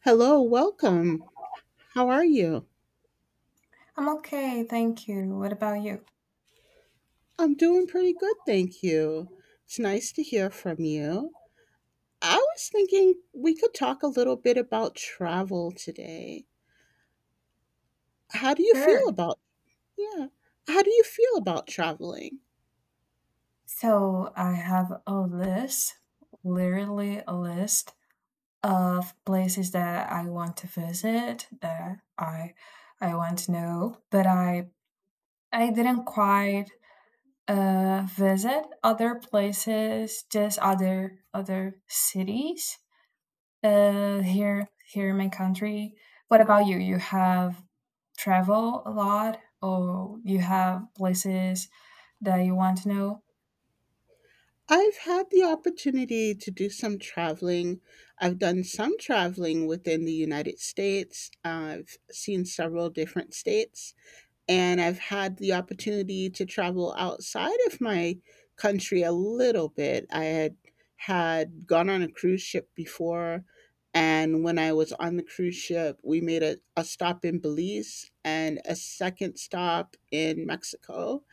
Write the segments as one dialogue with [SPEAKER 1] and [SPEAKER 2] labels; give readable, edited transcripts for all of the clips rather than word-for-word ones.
[SPEAKER 1] Hello, welcome. How are you?
[SPEAKER 2] I'm okay, thank you. What about you?
[SPEAKER 1] I'm doing pretty good, thank you. It's nice to hear from you. I was thinking we could talk a little bit about travel today. How do you feel
[SPEAKER 2] Sure.
[SPEAKER 1] about… Yeah. How do you feel about traveling?
[SPEAKER 2] So I have a list, literally a list of places that I want to visit, that I want to know, but I didn't quite visit other places, just other cities. Here in my country. What about you? You have travel a lot or you have places that you want to know?
[SPEAKER 1] I've had the opportunity to do some traveling. I've done some traveling within the United States. I've seen several different states, and I've had the opportunity to travel outside of my country a little bit. I had gone on a cruise ship before, and when I was on the cruise ship, we made a stop in Belize and a second stop in Mexico.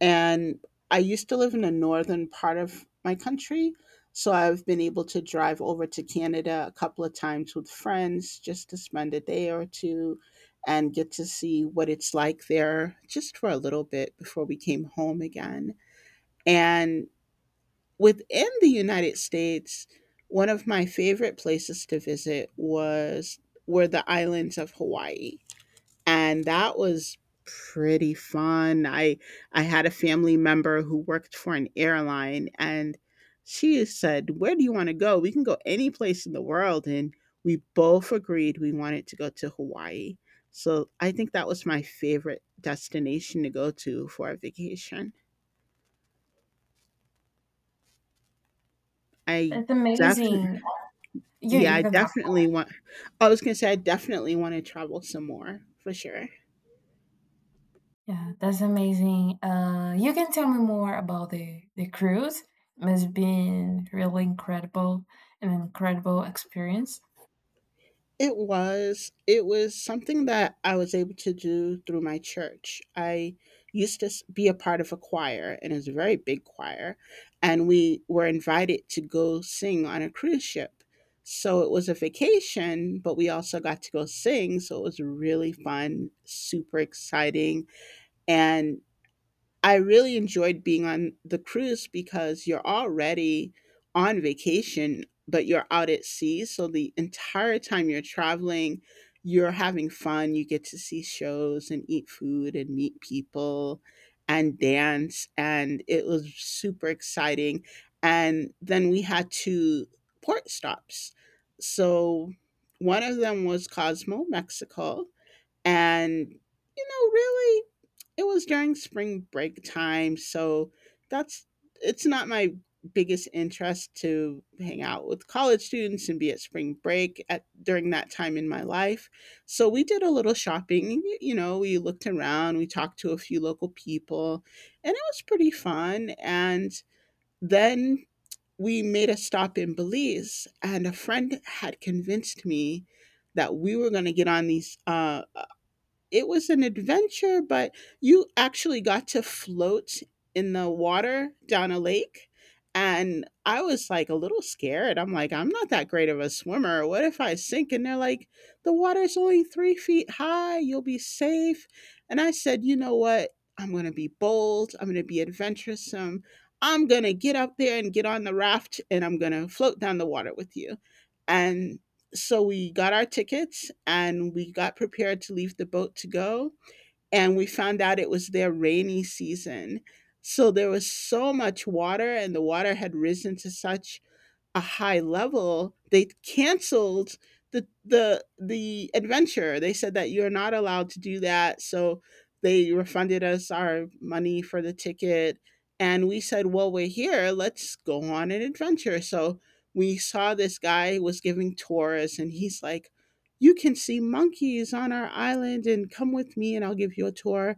[SPEAKER 1] And I used to live in the northern part of my country. So I've been able to drive over to Canada a couple of times with friends just to spend a day or two and get to see what it's like there just for a little bit before we came home again. And within the United States, one of my favorite places to visit was… were the islands of Hawaii, and that was pretty fun. I had a family member who worked for an airline, and she said, "Where do you want to go? We can go any place in the world." And we both agreed we wanted to go to Hawaii. So, I think that was my favorite destination to go to for a vacation. I
[SPEAKER 2] That's
[SPEAKER 1] definitely…
[SPEAKER 2] amazing. You
[SPEAKER 1] yeah,
[SPEAKER 2] you
[SPEAKER 1] I
[SPEAKER 2] can talk.
[SPEAKER 1] definitely want… I was going to say I definitely want to travel some more for sure.
[SPEAKER 2] Yeah, that's amazing. You can tell me more about the cruise. It's been really incredible, an incredible experience.
[SPEAKER 1] It was. It was something that I was able to do through my church. I used to be a part of a choir, and it's a very big choir, and we were invited to go sing on a cruise ship. So it was a vacation, but we also got to go sing. So it was really fun, super exciting. And I really enjoyed being on the cruise because you're already on vacation, but you're out at sea. So the entire time you're traveling, you're having fun. You get to see shows and eat food and meet people and dance. And it was super exciting. And then we had two port stops. So one of them was Cosmo, Mexico. And, you know, really, it was during spring break time, so that's… it's not my biggest interest to hang out with college students and be at spring break at during that time in my life. So we did a little shopping, you know, we looked around, we talked to a few local people, and it was pretty fun. And then we made a stop in Belize, and a friend had convinced me that we were going to get on these, it was an adventure, but you actually got to float in the water down a lake, and I was, like, a little scared. I'm like, "I'm not that great of a swimmer. What if I sink?" And they're like, "The water's only 3 feet high. You'll be safe." And I said, "You know what? I'm gonna be bold. I'm gonna be adventuresome. I'm gonna get up there and get on the raft, and I'm gonna float down the water with you." And so we got our tickets and we got prepared to leave the boat to go, and we found out it was their rainy season, so there was so much water and the water had risen to such a high level, they canceled the adventure. They said that you're not allowed to do that, so they refunded us our money for the ticket, and we said, "Well, we're here, let's go on an adventure." So we saw this guy was giving tours, and he's like, "You can see monkeys on our island, and come with me and I'll give you a tour."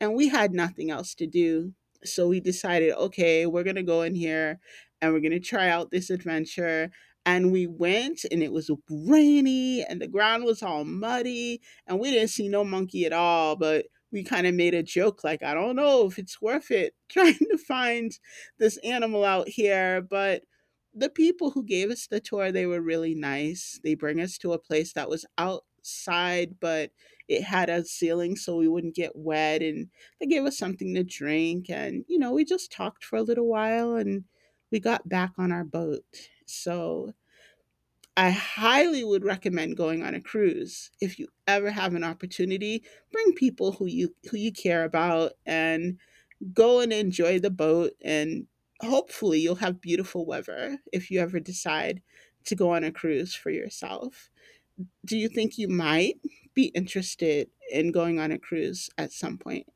[SPEAKER 1] And we had nothing else to do. So we decided, "Okay, we're going to go in here and we're going to try out this adventure." And we went, and it was rainy, and the ground was all muddy, and we didn't see no monkey at all. But we kind of made a joke, like, I don't know if it's worth it trying to find this animal out here. But the people who gave us the tour, they were really nice. They bring us to a place that was outside, but it had a ceiling so we wouldn't get wet. And they gave us something to drink, and you know, we just talked for a little while, and we got back on our boat. So I highly would recommend going on a cruise if you ever have an opportunity. Bring people who you care about, and go and enjoy the boat, and hopefully you'll have beautiful weather if you ever decide to go on a cruise for yourself. Do you think you might be interested in going on a cruise at some point?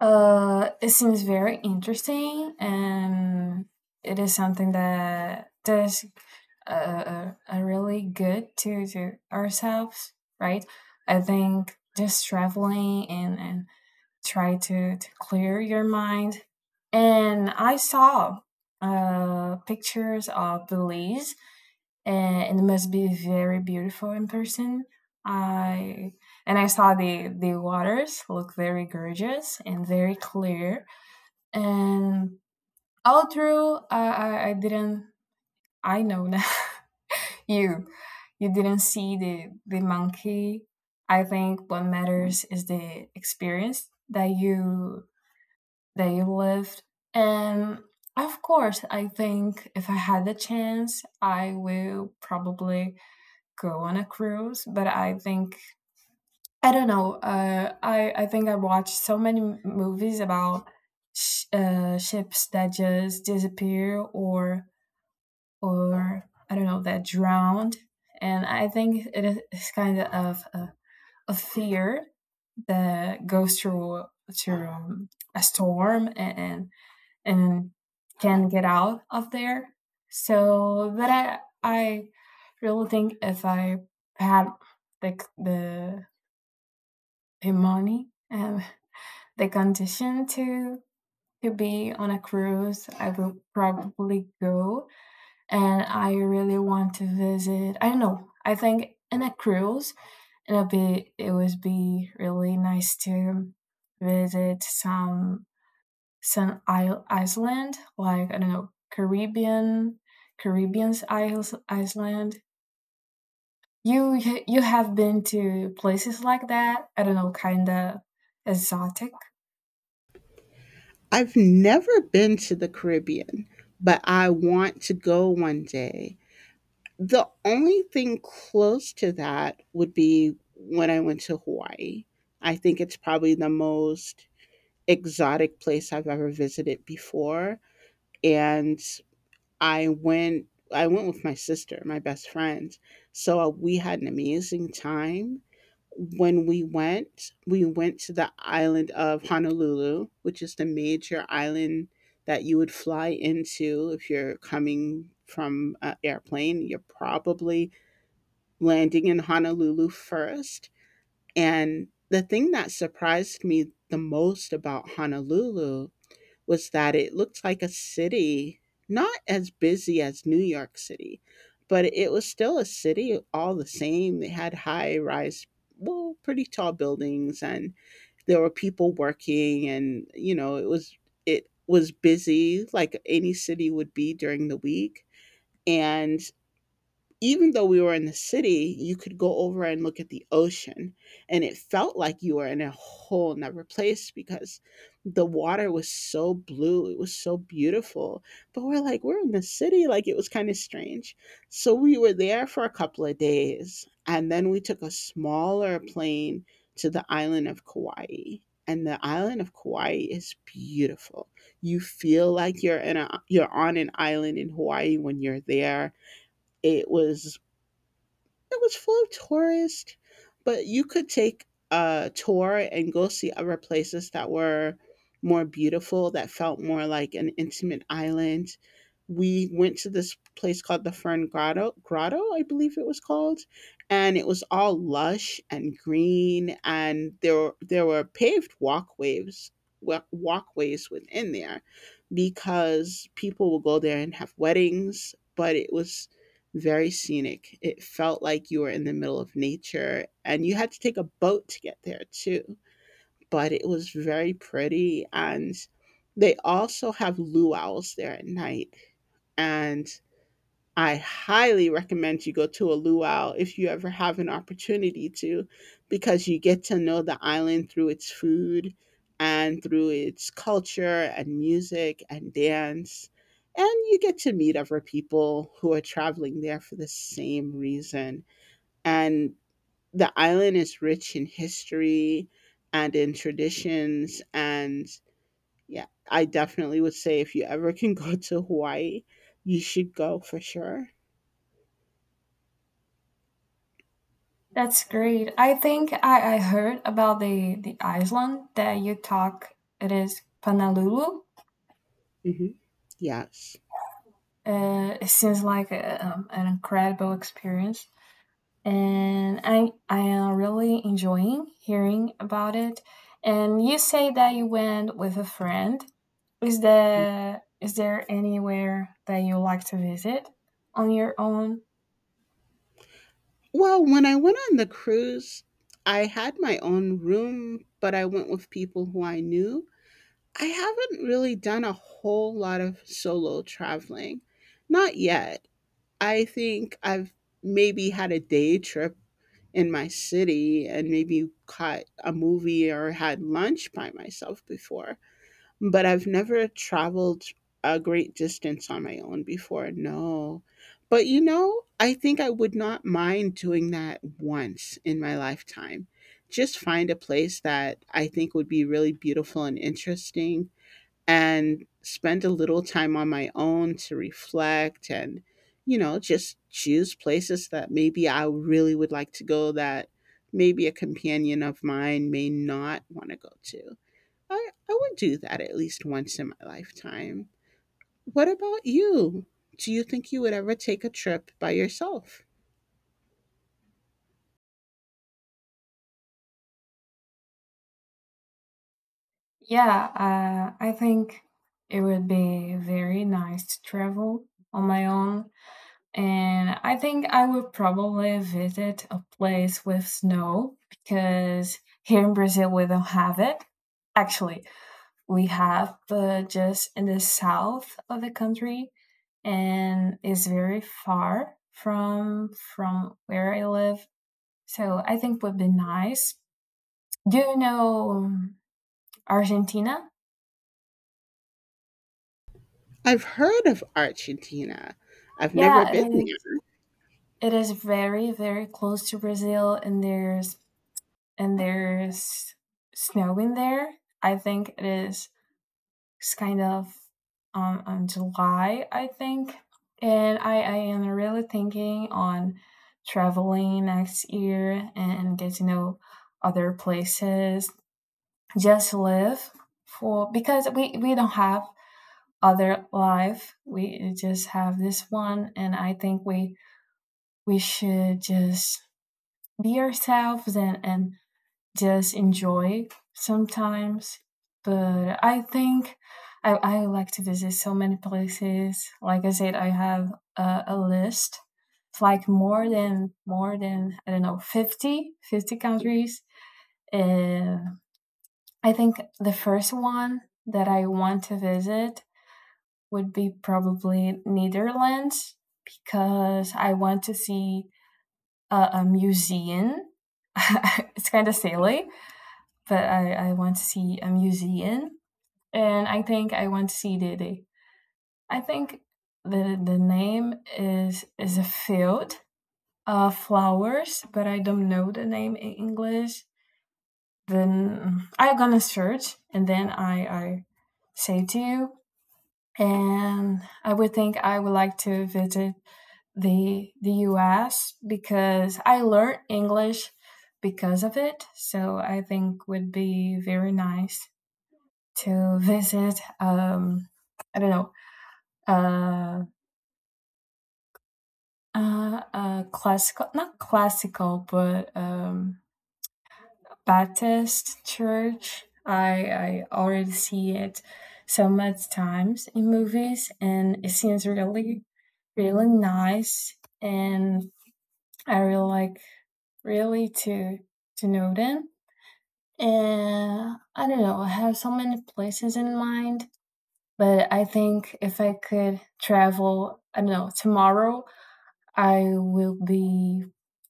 [SPEAKER 2] It seems very interesting, and it is something that does, a really good to ourselves, right? I think just traveling and try to clear your mind. And I saw, pictures of Belize, and it must be very beautiful in person. I and I saw the waters look very gorgeous and very clear. And all through, I didn't. I know now. you you didn't see the monkey. I think what matters is the experience that you they lived. And of course, I think if I had the chance, I will probably go on a cruise. But I think I don't know. I think I watched so many movies about ships that just disappear or or I don't know that drowned, and I think it is kind of a fear that goes through a storm and can get out of there. So that I really think if I had the the, the money and the condition to be on a cruise, I would probably go. And I really want to visit. I don't know. I think in a cruise, it would be really nice to visit some isle Iceland, like I don't know, Caribbean's isles, Iceland. You you have been to places like that? I don't know, kind of exotic.
[SPEAKER 1] I've never been to the Caribbean, but I want to go one day. The only thing close to that would be when I went to Hawaii. I think it's probably the most exotic place I've ever visited before. And I went I went with my sister, my best friend. So we had an amazing time. We went to the island of Honolulu, which is the major island that you would fly into if you're coming from an airplane. You're probably landing in Honolulu first. And the thing that surprised me the most about Honolulu was that it looked like a city, not as busy as New York City, but it was still a city all the same. They had high rise, well, pretty tall buildings, and there were people working, and, you know, it was busy like any city would be during the week. And even though we were in the city, you could go over and look at the ocean. And it felt like you were in a whole nother place because the water was so blue. It was so beautiful. But we're like, we're in the city. Like, it was kind of strange. So we were there for a couple of days. And then we took a smaller plane to the island of Kauai. And the island of Kauai is beautiful. You feel like you're on an island in Hawaii when you're there. It was… it was full of tourists, but you could take a tour and go see other places that were more beautiful, that felt more like an intimate island. We went to this place called the Fern Grotto, I believe it was called, and it was all lush and green, and there were paved walkways, walkways within there because people will go there and have weddings, but it was very scenic. It felt like you were in the middle of nature, and you had to take a boat to get there too, but it was very pretty. And they also have luau's there at night. And I highly recommend you go to a luau if you ever have an opportunity to, because you get to know the island through its food and through its culture and music and dance. And you get to meet other people who are traveling there for the same reason. And the island is rich in history and in traditions. And yeah, I definitely would say if you ever can go to Hawaii, you should go for sure.
[SPEAKER 2] That's great. I think I heard about the Iceland that you talk. It is Honolulu.
[SPEAKER 1] Mhm. Yes.
[SPEAKER 2] It seems like an incredible experience. And I am really enjoying hearing about it. And you say that you went with a friend. Is there anywhere that you like to visit on your own?
[SPEAKER 1] Well, when I went on the cruise, I had my own room, but I went with people who I knew. I haven't really done a whole lot of solo traveling. Not yet. I think I've maybe had a day trip in my city and maybe caught a movie or had lunch by myself before. But I've never traveled a great distance on my own before, no. But, you know, I think I would not mind doing that once in my lifetime. Just find a place that I think would be really beautiful and interesting, and spend a little time on my own to reflect, and, you know, just choose places that maybe I really would like to go that maybe a companion of mine may not wanna go to. I would do that at least once in my lifetime. What about you? Do you think you would ever take a trip by yourself?
[SPEAKER 2] Yeah, I think it would be very nice to travel on my own. And I think I would probably visit a place with snow because here in Brazil we don't have it. Actually, we have, but just in the south of the country, and it's very far from where I live. So I think would be nice. Do you know Argentina?
[SPEAKER 1] I've heard of Argentina. I've never
[SPEAKER 2] Yeah, it
[SPEAKER 1] been
[SPEAKER 2] is.
[SPEAKER 1] there.
[SPEAKER 2] It is very very close to Brazil, and there's snow in there. I think it's kind of, on July, I think. And I am really thinking on traveling next year and get to know other places. Just live for because we don't have other life. We just have this one and I think we should just be ourselves and just enjoy sometimes. But I think I like to visit so many places. Like I said, I have a list of like more than I don't know fifty countries. And I think the first one that I want to visit would be probably Netherlands because I want to see a museum. It's kind of silly, but I want to see a museum and I think I want to see Dede. I think the name is a field of flowers, but I don't know the name in English. Then I'm gonna search and then I say to you. And I would like to visit the US because I learned English because of it. So I think would be very nice to visit, I don't know, uh classical, not classical, but Baptist church. I already see it so much times in movies and it seems really really nice and I really like really to know them and I don't know I have so many places in mind. But I think if I could travel, I don't know, tomorrow, I will be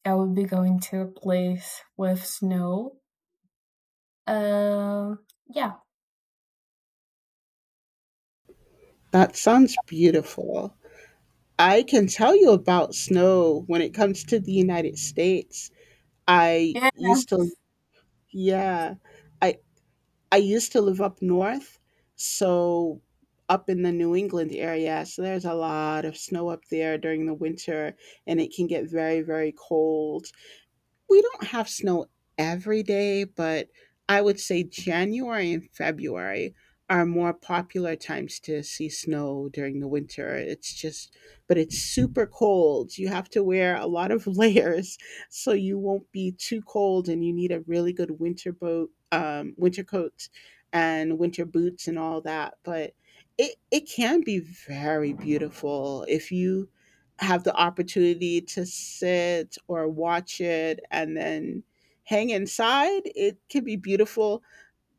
[SPEAKER 2] I will be going to a place with snow. Um, yeah.
[SPEAKER 1] That sounds beautiful. I can tell you about snow when it comes to the United States. I
[SPEAKER 2] Yeah,
[SPEAKER 1] used to, yeah, I I used to live up north, so up in the New England area, so there's a lot of snow up there during the winter, and it can get very, very cold. We don't have snow every day, but I would say January and February are more popular times to see snow during the winter. It's just, but it's super cold. You have to wear a lot of layers so you won't be too cold, and you need a really good winter coat, and winter boots and all that. But it can be very beautiful if you have the opportunity to sit or watch it and then hang inside, it can be beautiful.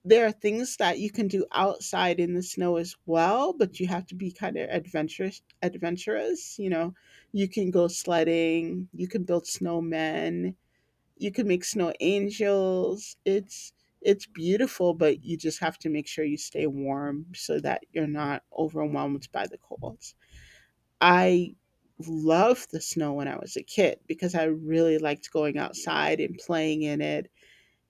[SPEAKER 1] There are things that you can do outside in the snow as well, but you have to be kind of adventurous, you know. You can go sledding, you can build snowmen, you can make snow angels. It's beautiful, but you just have to make sure you stay warm so that you're not overwhelmed by the cold. I loved the snow when I was a kid because I really liked going outside and playing in it.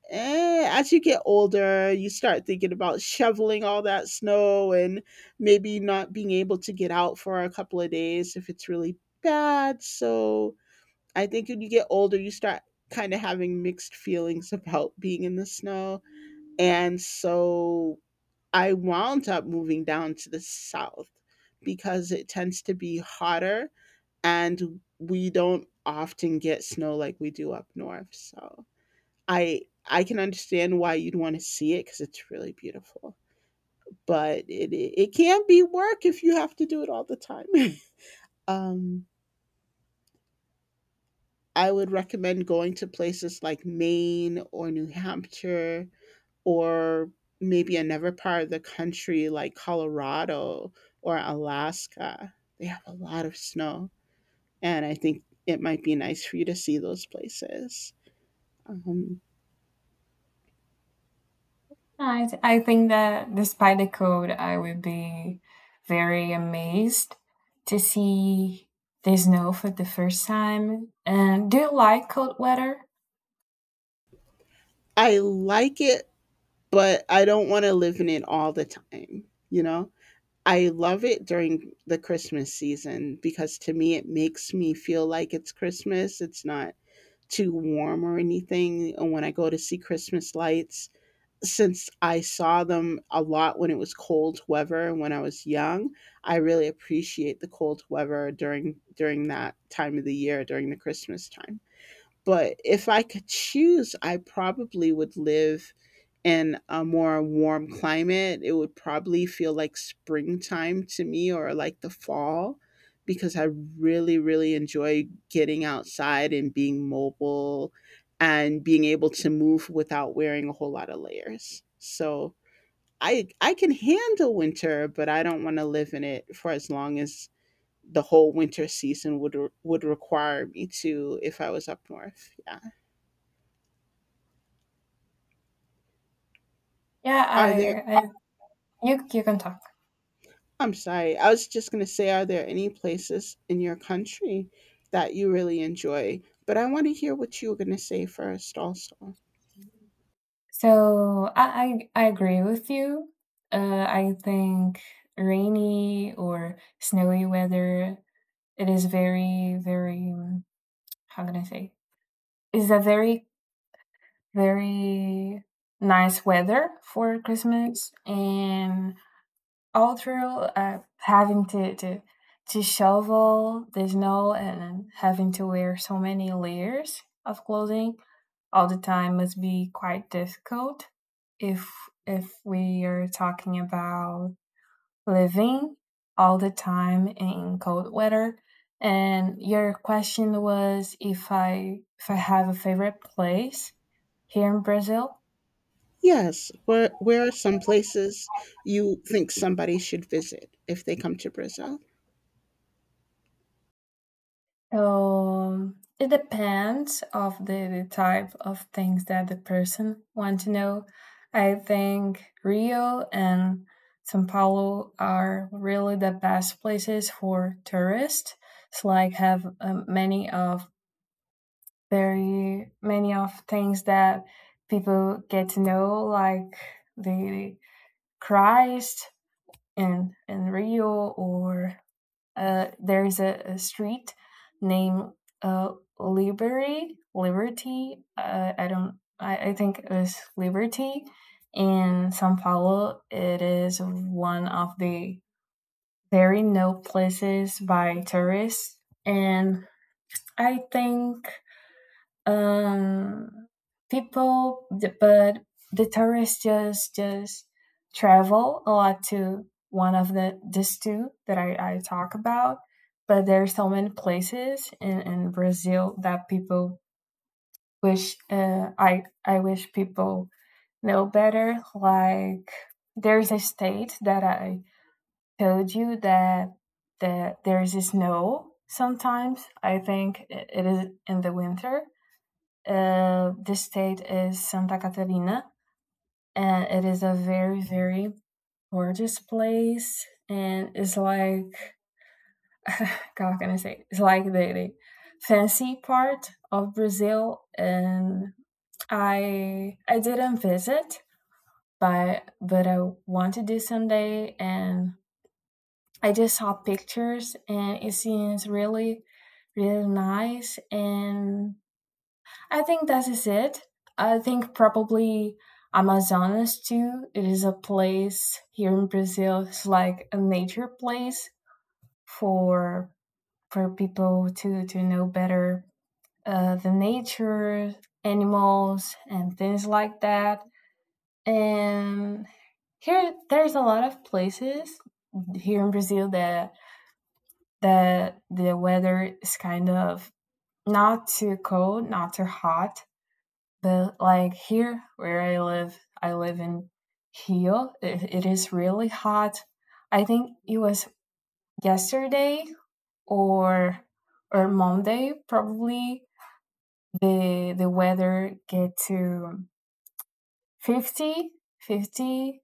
[SPEAKER 1] As you get older, you start thinking about shoveling all that snow and maybe not being able to get out for a couple of days if it's really bad. So I think when you get older, you start kind of having mixed feelings about being in the snow. And so I wound up moving down to the south because it tends to be hotter and we don't often get snow like we do up north, so i I can understand why you'd want to see it because it's really beautiful, but it can be work if you have to do it all the time. um I would recommend going to places like Maine or New Hampshire, or maybe another part of the country like Colorado or Alaska. They have a lot of snow, and I think it might be nice for you to see those places. Um,
[SPEAKER 2] I think that despite the cold, I would be very amazed to see the snow for the first time. And do you like cold weather?
[SPEAKER 1] I like it, but I don't want to live in it all the time, you know? I love it during the Christmas season because to me it makes me feel like it's Christmas. It's not too warm or anything. And when I go to see Christmas lights, since I saw them a lot when it was cold weather and when I was young, I really appreciate the cold weather during that time of the year during the Christmas time. But if I could choose, I probably would live in a more warm climate. It would probably feel like springtime to me or like the fall because I really, really enjoy getting outside and being mobile and being able to move without wearing a whole lot of layers. So I can handle winter, but I don't want to live in it for as long as the whole winter season would would require me to if I was up north. Yeah.
[SPEAKER 2] Yeah,
[SPEAKER 1] Are there—
[SPEAKER 2] I you you can talk.
[SPEAKER 1] I'm sorry. I was just going to say, are there any places in your country that you really enjoy? But I want to hear what you were going to say first also.
[SPEAKER 2] So I agree with you. I think rainy or snowy weather, it is very very, how can I say, is a very very nice weather for Christmas, and all through, having to shovel the snow and having to wear so many layers of clothing all the time must be quite difficult if we are talking about living all the time in cold weather. And your question was if I have a favorite place here in Brazil.
[SPEAKER 1] Yes, where are some places you think somebody should visit if they come to Brazil?
[SPEAKER 2] It depends of the type of things that the person want to know. I think Rio and São Paulo are really the best places for tourists. It's like have, many of very many of things that people get to know, like the Christ in Rio or, there's a street named, uh, Liberty. I don't. I think it was Liberty in São Paulo. It is one of the very known places by tourists, and I think um people, but the tourists just travel a lot to one of these two that I talk about, but there are so many places in Brazil that people wish I wish people know better, like there's a state that I told you that there's snow sometimes. I think it is in the winter. This state is Santa Catarina, and it is a very, very gorgeous place. And it's like, how can I say? It's like the fancy part of Brazil. And I didn't visit, but I want to do someday. And I just saw pictures, and it seems really, really nice. And I think that is it. I think probably Amazonas too. It is a place here in Brazil. It's like a nature place for for people to know better, the nature, animals, and things like that. And here, there's a lot of places here in Brazil that the weather is kind of not too cold, not too hot, but like here where I live in Rio. It is really hot. I think it was yesterday or or Monday probably the weather get to 50 50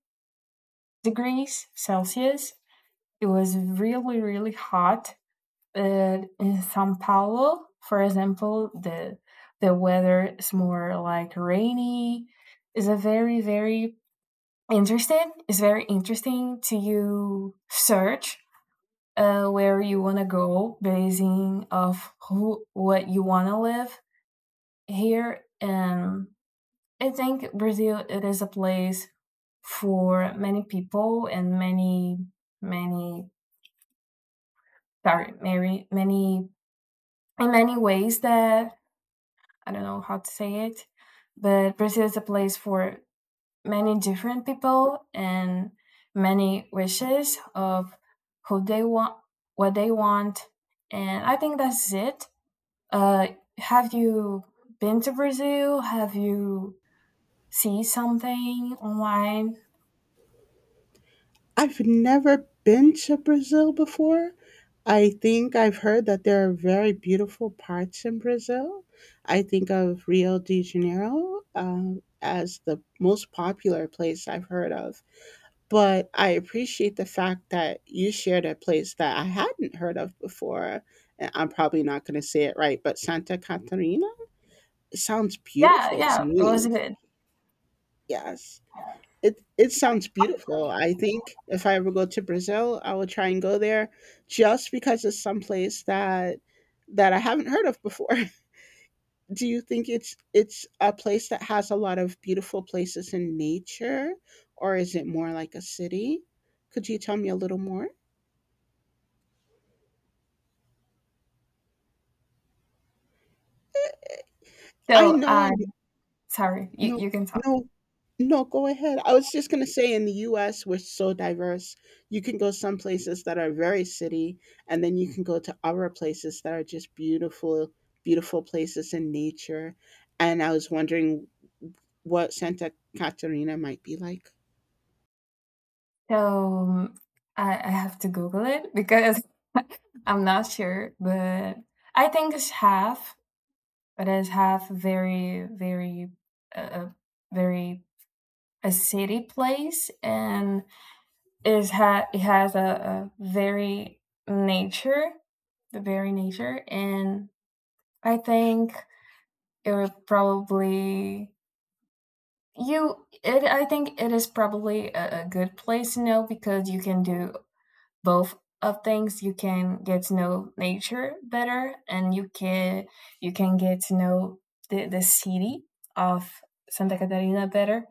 [SPEAKER 2] degrees Celsius. It was really really hot. But in São Paulo, for example, the weather is more like rainy. It's a very very interested. It's very interesting to you search, where you want to go, basing of who what you want to live here. And I think Brazil it is a place for many people and many, many, sorry, many, many in many ways that I don't know how to say it, but Brazil is a place for many different people and many wishes of who they want, what they want, and I think that's it. Uh, have you been to Brazil? Have you seen something online?
[SPEAKER 1] I've never been to Brazil before. I think I've heard that there are very beautiful parts in Brazil. I think of Rio de Janeiro as the most popular place I've heard of, but I appreciate the fact that you shared a place that I hadn't heard of before. And I'm probably not going to say it right, but Santa Catarina, it sounds
[SPEAKER 2] Yeah,
[SPEAKER 1] beautiful
[SPEAKER 2] yeah,
[SPEAKER 1] to
[SPEAKER 2] it was
[SPEAKER 1] me.
[SPEAKER 2] good.
[SPEAKER 1] Yes, it sounds beautiful. I think if I ever go to Brazil, I will try and go there just because it's some place that I haven't heard of before. Do you think it's a place that has a lot of beautiful places in nature, or is it more like a city? Could you tell me a little more?
[SPEAKER 2] So,
[SPEAKER 1] I know, and
[SPEAKER 2] sorry, you,
[SPEAKER 1] no,
[SPEAKER 2] you can talk.
[SPEAKER 1] no, no, go ahead. I was just going to say in the US, we're so diverse. You can go some places that are very city, and then you can go to other places that are just beautiful, beautiful places in nature. And I was wondering what Santa Catarina might be like.
[SPEAKER 2] So I have to Google it because I'm not sure, but I think it's half. It is have very, very, uh, very a city place, and it is it has a very nature, the very nature, and I think it would probably you. It I think it is probably a good place to know because you can do both of things you can get to know nature better and you can get to know the city of Santa Catarina better.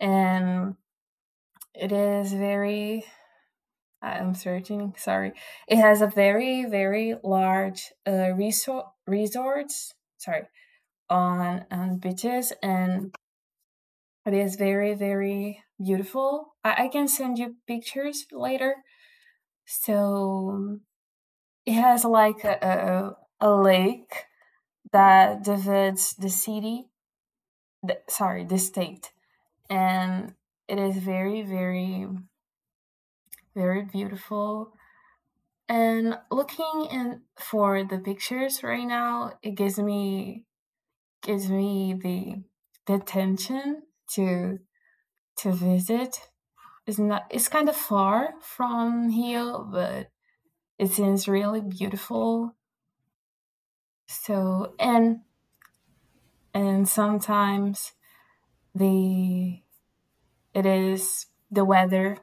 [SPEAKER 2] And it is very, I'm searching, sorry, it has a very very large, resorts, sorry, on beaches. And it is very very beautiful. I can send you pictures later. So it has like a lake that divides the city, the, sorry, the state. And it is very, very, very beautiful. And looking in for the pictures right now, it gives me the tension to to visit. It's not, it's kind of far from here, but it seems really beautiful. So and sometimes the it is the weather.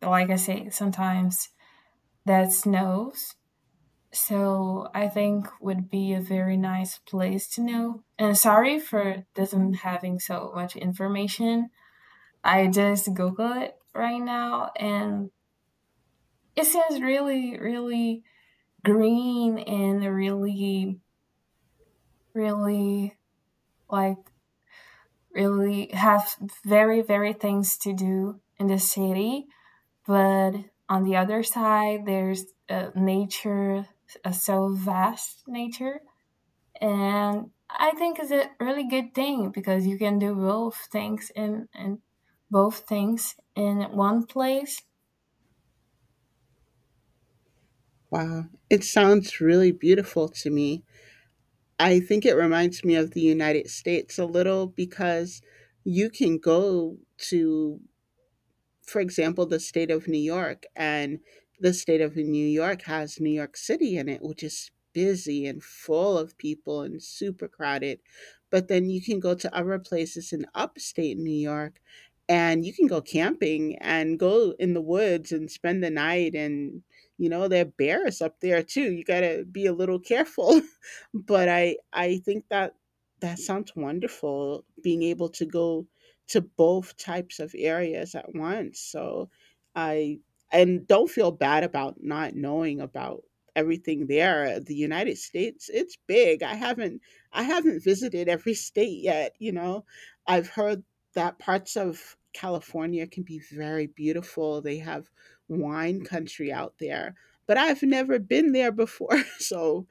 [SPEAKER 2] Like I say, sometimes that snows. So I think would be a very nice place to know. And sorry for doesn't having so much information. I just Google it right now and it seems really, really green and really, really like really have very, very things to do in the city, but on the other side there's a nature a so vast nature, and I think it's a really good thing because you can do both things in one place.
[SPEAKER 1] Wow, it sounds really beautiful to me. I think it reminds me of the United States a little because you can go to, for example, the state of New York, and the state of New York has New York City in it, which is busy and full of people and super crowded. But then you can go to other places in upstate New York and you can go camping and go in the woods and spend the night, and you know there are bears up there too, you got to be a little careful. But I think that that sounds wonderful, being able to go to both types of areas at once. So I— and don't feel bad about not knowing about everything there. The United States, it's big. I haven't visited every state yet, you know. I've heard that parts of California can be very beautiful. They have wine country out there, but I've never been there before. So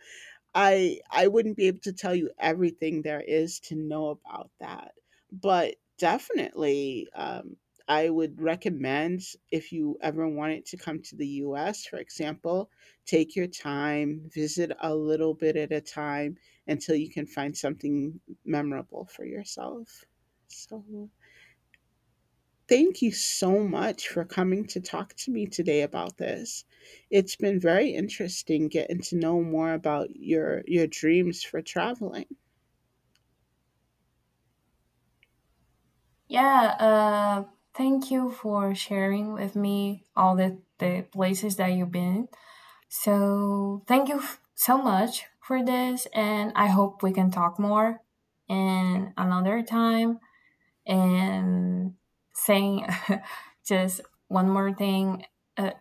[SPEAKER 1] I wouldn't be able to tell you everything there is to know about that, but definitely I would recommend if you ever wanted to come to the U.S., for example, take your time, visit a little bit at a time until you can find something memorable for yourself. So thank you so much for coming to talk to me today about this. It's been very interesting getting to know more about your dreams for traveling.
[SPEAKER 2] Yeah, thank you for sharing with me all the places that you've been. So thank you so much for this and I hope we can talk more in another time. And saying just one more thing, uh,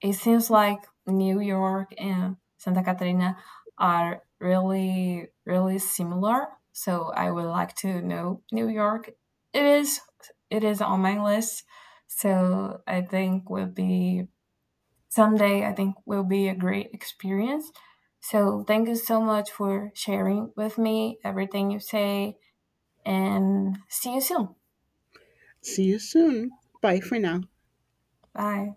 [SPEAKER 2] it seems like New York and Santa Catarina are really, really similar. So I would like to know New York. It is, it is on my list. So I think will be someday. I think will be a great experience. So thank you so much for sharing with me everything you say, and see you soon.
[SPEAKER 1] See you soon. Bye for now.
[SPEAKER 2] Bye.